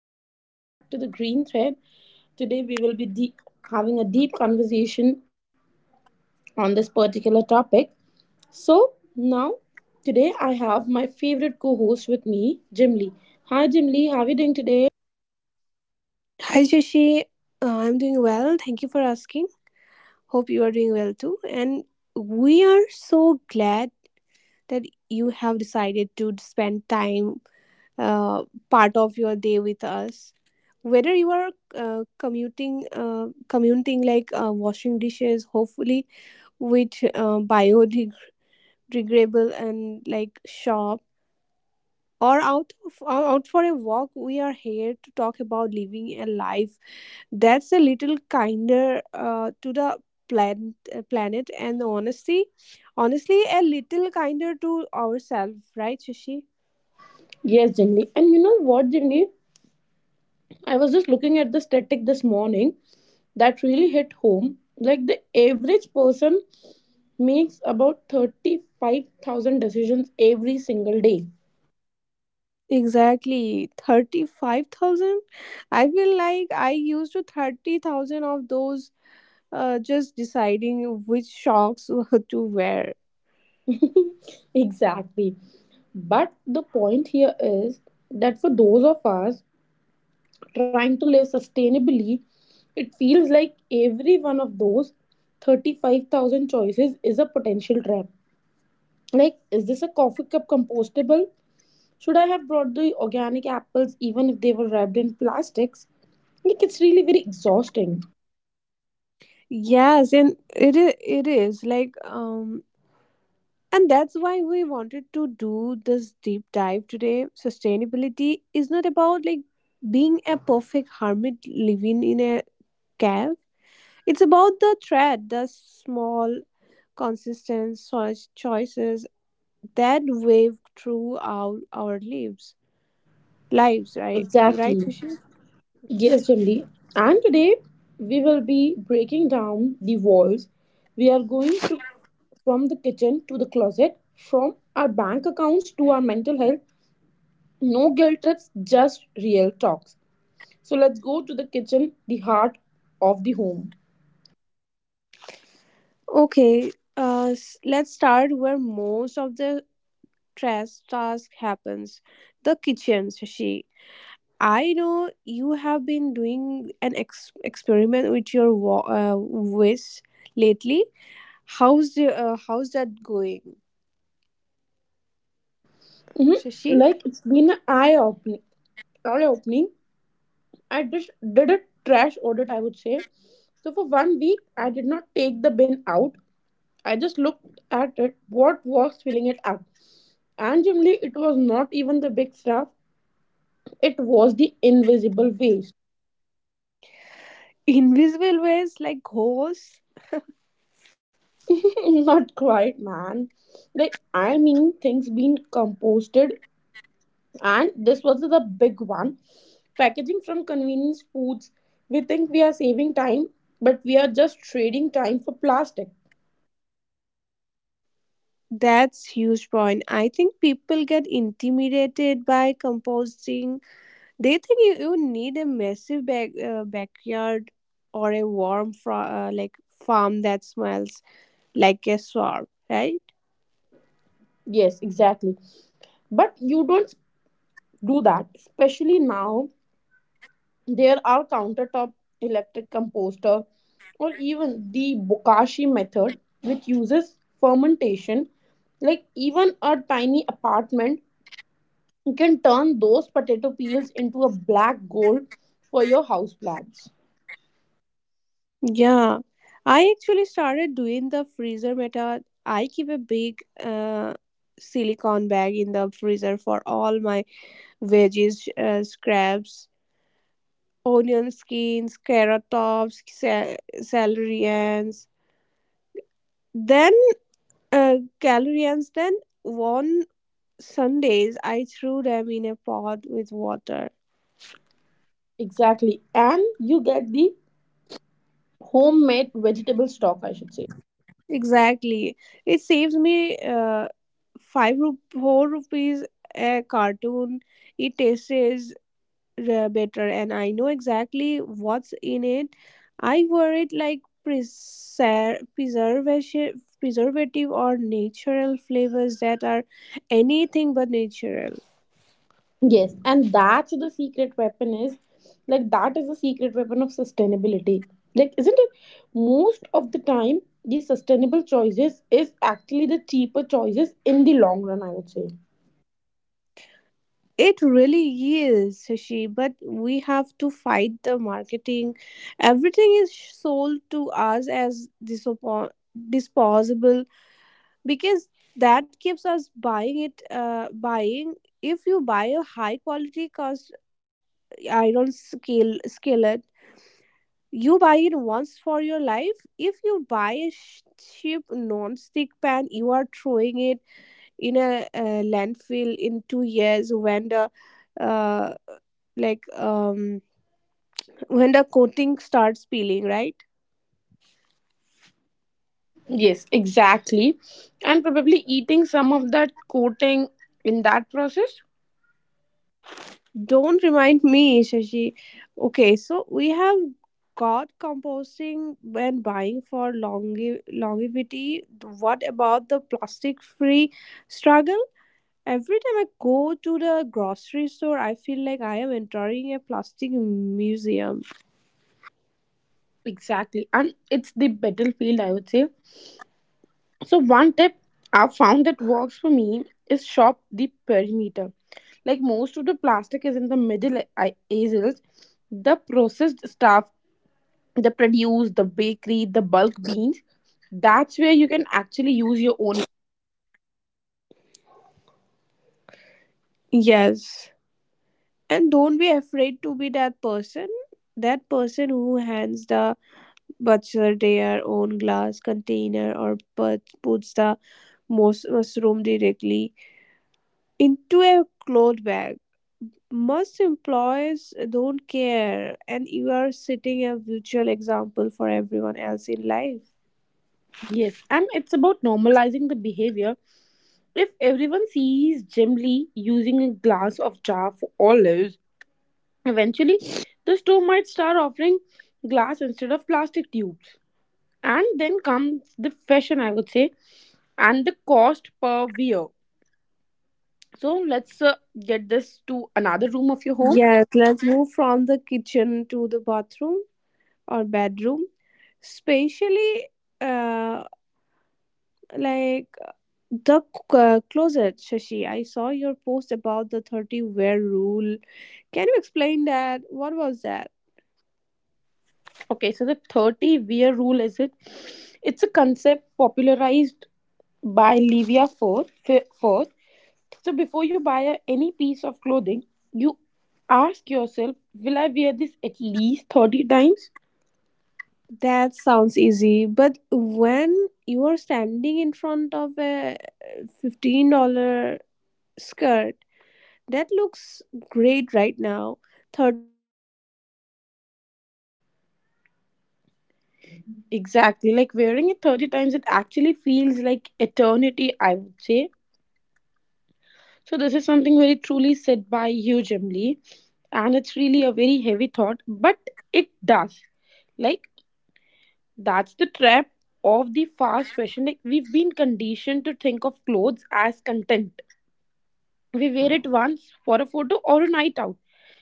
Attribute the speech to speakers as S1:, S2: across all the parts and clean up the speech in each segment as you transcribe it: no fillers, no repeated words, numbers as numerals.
S1: and welcome back to the Green Thread. Today we will be having a deep conversation on this particular topic. So, now Today I have my favorite co-host with me, Jim Lee. Hi Jim Lee, how are you doing today?
S2: Hi, Shashi. I'm doing well. Thank you for asking. Hope you are doing well too. And we are so glad that you have decided to spend time, uh, part of your day with us. Whether you are commuting like washing dishes, hopefully with biodegradable and like shop, out for a walk, we are here to talk about living a life that's a little kinder to the planet, planet, and honestly, a little kinder to ourselves, right, Shashi?
S1: Yes, Jim Lee. And you know what, Jim Lee? I was just looking at the static this morning that really hit home. Like the average person makes about 35,000 decisions every single day.
S2: Exactly, 35,000. I feel like I used to 30,000 of those just deciding which socks to wear.
S1: Exactly. But the point here is that for those of us trying to live sustainably, it feels like every one of those 35,000 choices is a potential trap. Like, is this a coffee cup compostable? Should I have brought the organic apples even if they were wrapped in plastics? Like, it's really very exhausting.
S2: Yes, and it is like and that's why we wanted to do this deep dive today. Sustainability is not about like being a perfect hermit living in a cave. It's about the thread, the small, consistent choices that wave through our lives. Lives, right? Right,
S1: Exactly.
S2: Fushi?
S1: Yes, Jimli. And today we will be breaking down the walls. We are going to, from the kitchen to the closet, from our bank accounts to our mental health. No guilt trips, just real talks. So let's go to the kitchen, the heart of the home.
S2: Okay, let's start where most of the stress task happens. The kitchen, Shashi. I know you have been doing an experiment with your wish lately. How's the, how's that going,
S1: hmm
S2: Shashi?
S1: Like it's been an eye opening. Eye opening. I just did a trash audit, I would say. So for 1 week, I did not take the bin out. I just looked at it, what was filling it up. And generally, it was not even the big stuff, it was the invisible waste.
S2: Invisible ways like ghosts.
S1: Not quite, man. Things being composted, and this was the big one. Packaging from convenience foods. We think we are saving time, but we are just trading time for plastic.
S2: That's huge point. I think people get intimidated by composting. They think you need a massive backyard or a like farm that smells like a swamp, right?
S1: Yes, exactly. But you don't do that, especially now. There are countertop electric composter or even the bokashi method which uses fermentation. Like even a tiny apartment, you can turn those potato peels into a black gold for your house plants.
S2: Yeah, I actually started doing the freezer method. I keep a big silicone bag in the freezer for all my veggies, scraps, onion skins, carrot tops, celery ends. Then uh, Then one Sundays I threw them in a pot with water.
S1: Exactly, and you get the homemade vegetable stock, I should say.
S2: Exactly, it saves me four rupees a cartoon. It tastes better, and I know exactly what's in it. I wear it like preservation preservative or natural flavors that are anything but natural.
S1: Yes, and that is the secret weapon of sustainability. Like, isn't it? Most of the time, the sustainable choices is actually the cheaper choices in the long run, I would say.
S2: It really is, Shashi, but we have to fight the marketing. Everything is sold to us as disposable because that keeps us buying. If you buy a high quality iron scale skillet, you buy it once for your life. If you buy a cheap non-stick pan, you are throwing it in a, landfill in 2 years when the uh, like um when the coating starts peeling, right?
S1: Yes, exactly. And probably eating some of that coating in that process.
S2: Don't remind me, Shashi. Okay, so we have got composting and buying for longevity. What about the plastic free struggle? Every time I go to the grocery store, I feel like I am entering a plastic museum.
S1: Exactly. And it's the battlefield, I would say. So one tip I've found that works for me is shop the perimeter. Like most of the plastic is in the middle aisles, the processed stuff, the produce, the bakery, the bulk beans. That's where you can actually use your own.
S2: Yes. And don't be afraid to be that person. That person who hands the butcher their own glass container or puts the mushroom directly into a cloth bag. Most employees don't care, and you are setting a virtual example for everyone else in life.
S1: Yes, and it's about normalizing the behavior. If everyone sees Jim Lee using a glass of jar for olives, eventually the store might start offering glass instead of plastic tubes. And then comes the fashion, I would say, and the cost per wear. So let's get this to another room of your home.
S2: Yes, let's move from the kitchen to the bathroom or bedroom, especially uh, like closet, Shashi. I saw your post about the 30 wear rule. Can you explain that? What was that?
S1: Okay, so the 30 wear rule is it's a concept popularized by Livia Forth. So before you buy any piece of clothing, you ask yourself, will I wear this at least 30 times?
S2: That sounds easy, but when you are standing in front of a $15 skirt, that looks great right now. 30 times feels like an eternity.
S1: Exactly, like wearing it 30 times it actually feels like eternity, I would say. So this is something very truly said by you, Jim, and it's really a very heavy thought, but it does. Like that's the trap of the fast fashion. Like we've been conditioned to think of clothes as content. We wear it once for a photo or a night out,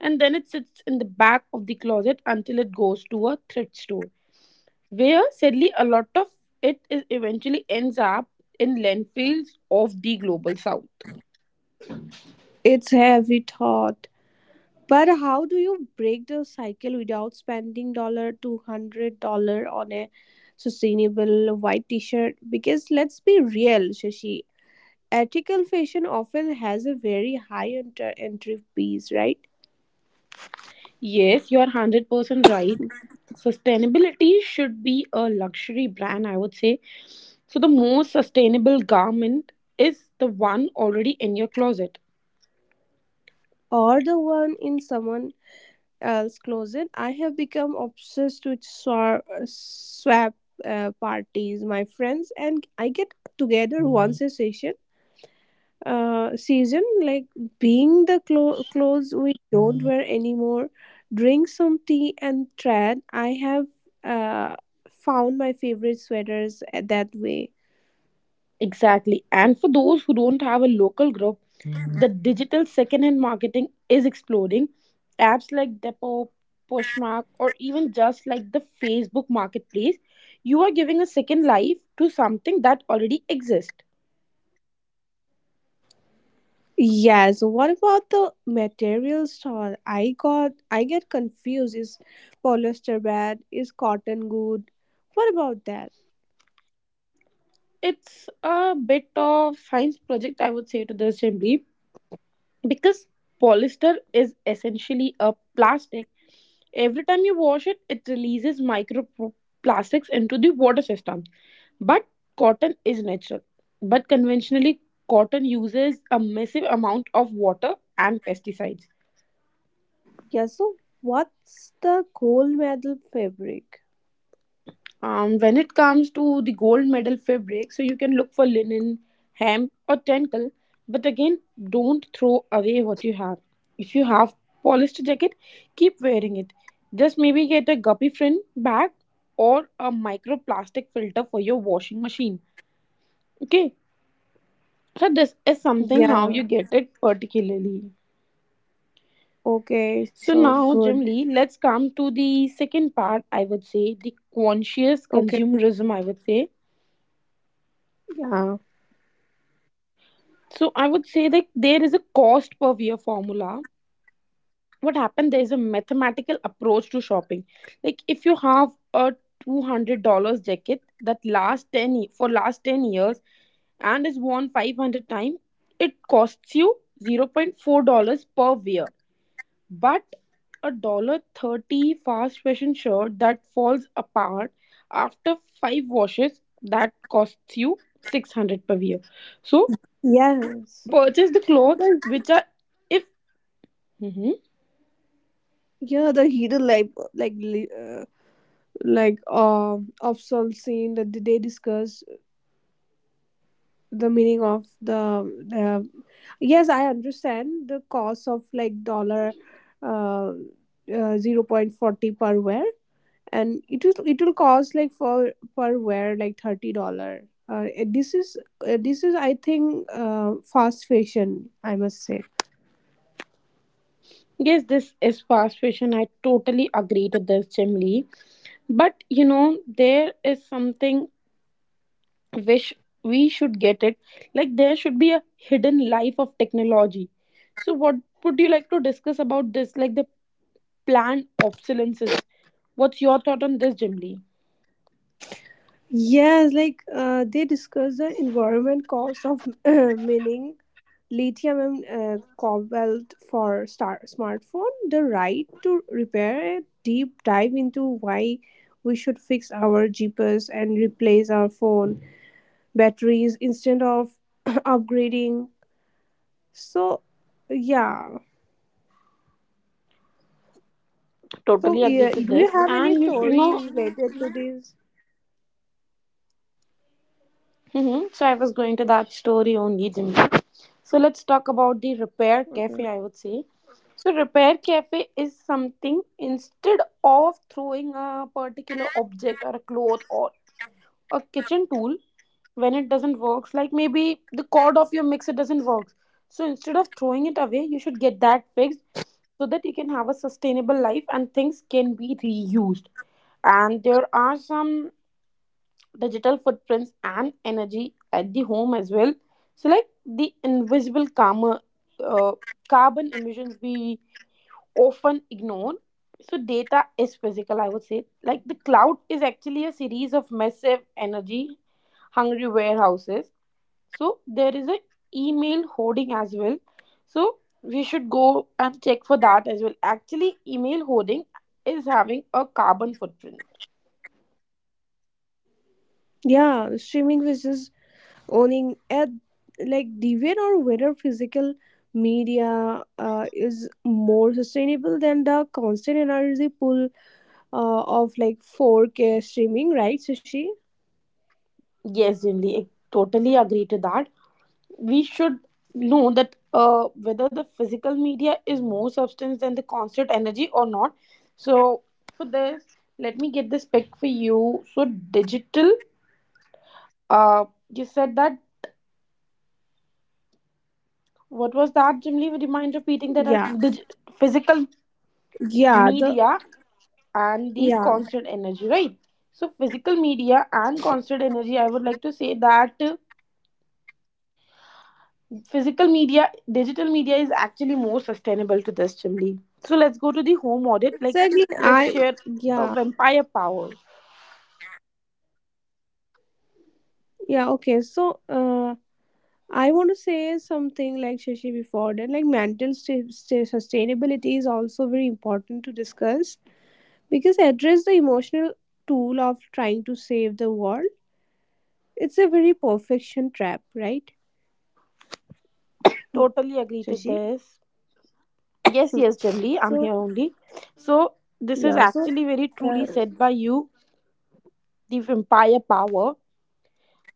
S1: and then it sits in the back of the closet until it goes to a thrift store, where sadly a lot of it is eventually ends up in landfills of the global south.
S2: It's heavy thought. But how do you break the cycle without spending dollar $200 on a sustainable white t-shirt? Because let's be real, Shashi, ethical fashion often has a very high entry fees, right?
S1: Yes, you are 100% right. Sustainability should be a luxury brand, I would say. So, the most sustainable garment is the one already in your closet.
S2: Or the one in someone else's closet. I have become obsessed with swap parties. My friends and I get together once a session season, like being the clothes we don't wear anymore, drink some tea and trad. I have uh, found my favorite sweaters that way.
S1: Exactly. And for those who don't have a local group, the digital secondhand marketing is exploding. Apps like Depop, Poshmark, or even just like the Facebook marketplace, you are giving a second life to something that already exists.
S2: Yeah, so what about the materials style? I get confused. Is polyester bad? Is cotton good? What about that?
S1: It's a bit of science project, I would say, to the assembly, because polyester is essentially a plastic. Every time you wash it, it releases microplastics into the water system. But cotton is natural. But conventionally, cotton uses a massive amount of water and pesticides.
S2: Yeah, so what's the gold medal fabric?
S1: When it comes to the gold medal fabric, so you can look for linen, hemp, or tangle. But again, don't throw away what you have. If you have polyester jacket, keep wearing it. Just maybe get a guppy friend bag or a microplastic filter for your washing machine. Okay, so this is something how
S2: Yeah.
S1: you get it particularly.
S2: Okay,
S1: So
S2: so
S1: now,
S2: good.
S1: Jim Lee, let's come to the second part. I would say the conscious
S2: Okay.
S1: consumerism, I would say.
S2: Yeah.
S1: So I would say that there is a cost per year formula. What happened? There is a mathematical approach to shopping. Like if you have a $200 jacket that lasts for last 10 years and is worn 500 times, it costs you 0. $4 per year. But a dollar 30 fast fashion shirt that falls apart after five washes, that costs you 600 per year. So
S2: Yes.
S1: purchase the clothes
S2: Like,
S1: which are if hmm
S2: yeah, the hero like of soul scene that they discuss the meaning of the uh, yes I understand the cost of like dollar uh, 0.40 per wear, and it will cost like for per wear like $30. uh, this is this is I think fast fashion I must say.
S1: yes this is fast fashion, I totally agree to this, Chimley. But you know there is something which we should get it, like there should be a hidden life of technology. So what would you like to discuss about this, like the planned obsolescences? What's your thought on this, Jimly?
S2: Yes, like they discuss the environment cost of mining lithium and cobalt for star smartphone, the right to repair it, deep dive into why we should fix our GPS and replace our phone batteries instead of upgrading. So, yeah. So,
S1: Totally agree
S2: yeah,
S1: to
S2: do you
S1: this.
S2: have any
S1: And you know,
S2: stories related to this?
S1: so I was going to that story only, Jimmy. So let's talk
S2: Okay.
S1: about the repair cafe, I would say. So repair cafe is something, instead of throwing a particular object or a cloth or a kitchen tool when it doesn't work, like maybe the cord of your mixer doesn't work. So instead of throwing it away, you should get that fixed so that you can have a sustainable life and things can be reused. And there are some digital footprints and energy at the home as well, so like the invisible karma, uh, carbon emissions we often ignore. So data is physical, I would say. Like the cloud is actually a series of massive energy hungry warehouses. So there is a email hoarding as well, so we should go and check for that as well. Actually email hoarding is having a carbon footprint.
S2: Yeah, streaming versus owning at like the or whether physical media is more sustainable than the constant energy pull of like 4K streaming, right, sushi?
S1: Yes, Jimli, I totally agree to that. We should know that whether the physical media is more substance than the constant energy or not. So for this, let me get this pick for you. So you said that, what was that? Jimly, would you
S2: yeah
S1: mind repeating that? Physical
S2: yeah The
S1: media
S2: yeah.
S1: and the constant energy, right? So physical media and constant energy. I would like to say that physical media digital media is actually more sustainable to this chimney. So let's go to the home audit. Like
S2: Exactly,
S1: let's
S2: I.
S1: share a
S2: Yeah.
S1: vampire power.
S2: yeah okay so uh I want to say something like, Shashi, before that, like mental sustainability is also very important to discuss, because address the emotional tool of trying to save the world. It's a very perfection trap, right,
S1: Totally agree to
S2: Shashi?
S1: this. Yes yes, Chimney, I'm
S2: So
S1: here only. So this is
S2: yeah, so
S1: actually very
S2: uh,
S1: truly said by you, the vampire power.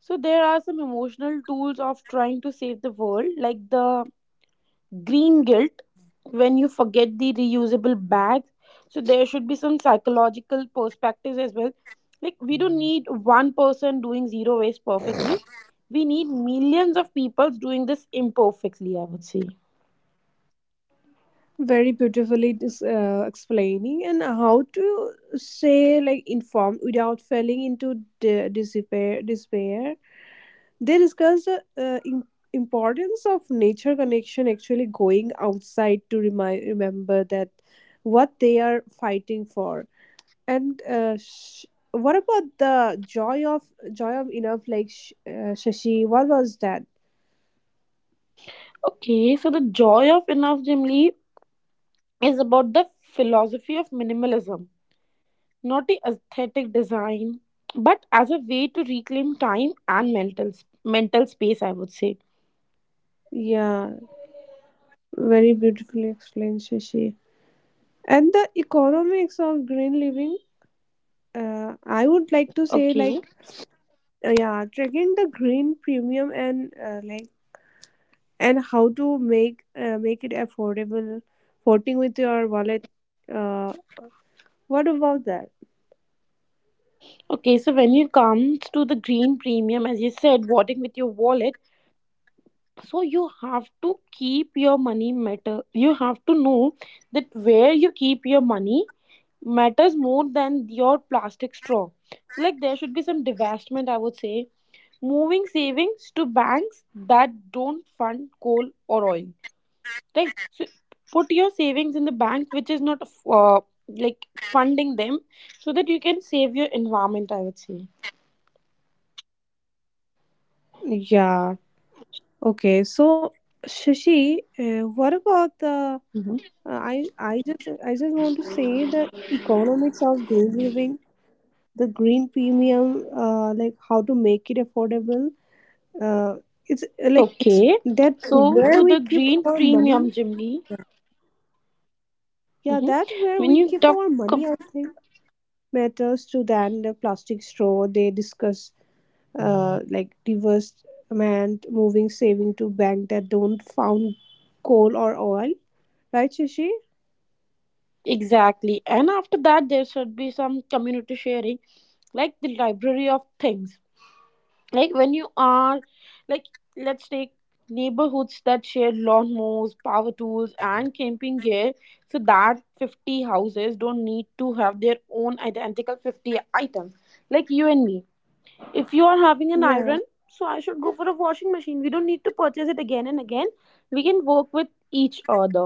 S1: So there are some emotional tools of trying to save the world, like the green guilt when you forget the reusable bags. So there should be some psychological perspectives as well. Like we don't need one person doing zero waste perfectly, we need millions of people doing this imperfectly, I would say.
S2: very beautifully explaining and how to say like informed without falling into despair. Despair. They discussed the importance of nature connection, actually going outside to remind remember that what they are fighting for. And what about the joy of enough? Like Shashi, what was that?
S1: Okay, so the joy of enough, Jim Lee, is about the philosophy of minimalism, not the aesthetic design, but as a way to reclaim time and mental space, I would say.
S2: Yeah, very beautifully explained, Shashi. And the economics of green living, I would like to say,
S1: Okay.
S2: like, yeah, tracking the green premium and and how to make make it affordable, voting with your wallet. Uh, what about that?
S1: Okay, so when it comes to the green premium, as you said, voting with your wallet, so you have to keep your money matter. You have to know that where you keep your money matters more than your plastic straw. So, like, there should be some divestment, I would say. Moving savings to banks that don't fund coal or oil, right? So, put your savings in the bank which is not uh, like funding them, so that you can save your environment, I would say.
S2: Yeah. Okay. So, Shashi, what about the?
S1: Mhm.
S2: I just want to say the economics of green living, the green premium, like how to make it affordable. uh,
S1: Okay,
S2: that
S1: so to
S2: where we
S1: the
S2: keep
S1: green
S2: our money.
S1: premium, Jimly.
S2: Yeah,
S1: Mm-hmm.
S2: that where
S1: When
S2: we
S1: you
S2: keep
S1: talk
S2: our money,
S1: ab-
S2: I think, matters to than the plastic straw. They discuss like diverse amount, moving saving to bank that don't found coal or oil, right, Shashi?
S1: exactly, and after that, there should be some community sharing, like the library of things. Like when you are, like let's take neighborhoods that share lawnmowers, power tools, and camping gear, so that 50 houses don't need to have their own identical 50 items, like you and me. If you are having an
S2: Yeah.
S1: iron, so I should go for a washing machine. We don't need to purchase it again and again. We can work with each other.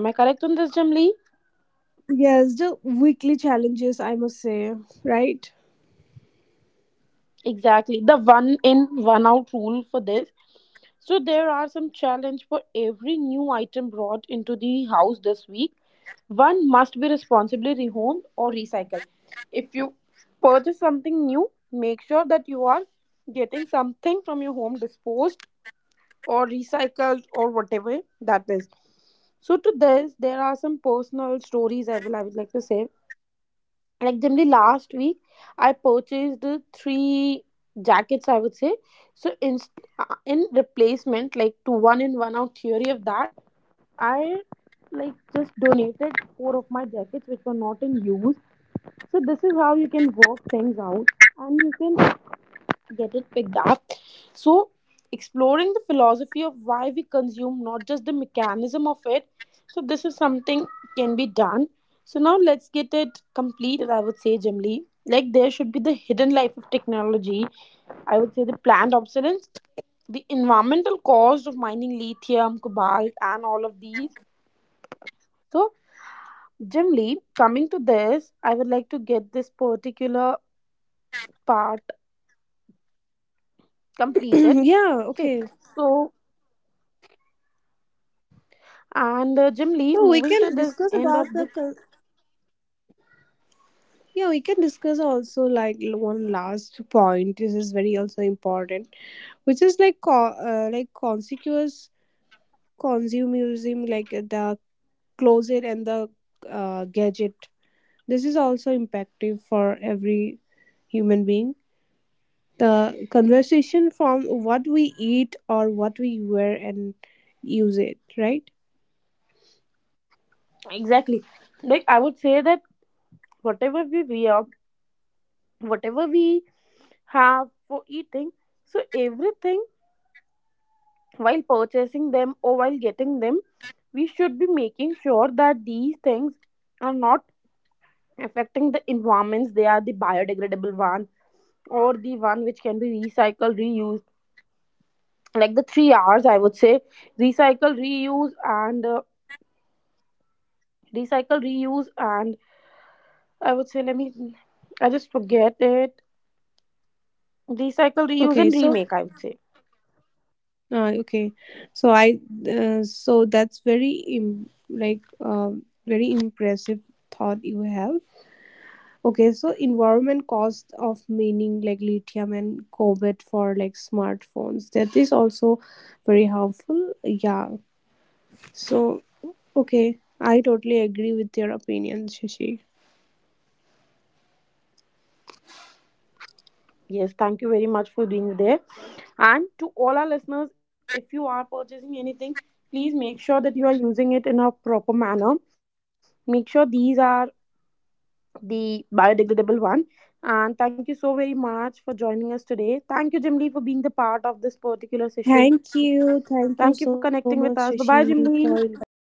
S1: Am I correct on this, Jamli?
S2: Yes, the weekly challenges I must say, right?
S1: Exactly. The one in, one out rule for this. So there are some challenge for every new item brought into the house this week. One must be responsibly rehomed or recycled. If you purchase something new, make sure that you are getting something from your home disposed or recycled or whatever that is. So to this, there are some personal stories I would like to say. Like generally last week, I purchased three jackets, I would say. So in replacement, like to one in one out theory of that, I like just donated four of my jackets which were not in use. So this is how you can work things out, and you can get it picked up. So, exploring the philosophy of why we consume, not just the mechanism of it. So, this is something can be done. So, now let's get it completed, I would say, Jim. Like, there should be the hidden life of technology. I would say the planned obsolescence, the environmental cost of mining lithium, cobalt, and all of these. So, Jim, coming to this, I would like to get this particular part completed.
S2: Yeah,
S1: Okay,
S2: okay,
S1: so. And Jim,
S2: so we
S1: moving to
S2: can
S1: this
S2: discuss
S1: end
S2: about
S1: of
S2: the
S1: this,
S2: yeah, we can discuss also like one last point. This is very also important, which is like conspicuous consumerism, like the closet and the gadget. This is also impactive for every human being, the conversation from what we eat or what we wear and use it, right?
S1: exactly. Like, I would say that whatever we wear, whatever we have for eating, so everything while purchasing them or while getting them, we should be making sure that these things are not affecting the environments. They are the biodegradable one or the one which can be recycled, reused. Like the three R's, I would say, recycle, reuse, and uh, recycle, reuse, and I would say, I just forget it. Recycle, reuse,
S2: Okay,
S1: and
S2: so
S1: remake, I would say.
S2: ah, okay. So I so that's very very impressive thought you have. Okay, so environment cost of mining like lithium and cobalt for like smartphones. That is also very harmful. Yeah. So okay, I totally agree with your opinion, Shashi.
S1: Yes, thank you very much for being there. And to all our listeners, if you are purchasing anything, please make sure that you are using it in a proper manner. Make sure these are the biodegradable one. And thank you so very much for joining us today. Thank you, Jimli, for being the part of this particular session. Thank you for
S2: Thank
S1: connecting with us.
S2: you.
S1: Bye bye,
S2: Thank you so
S1: Jimli.
S2: much, Shashi, for inviting me.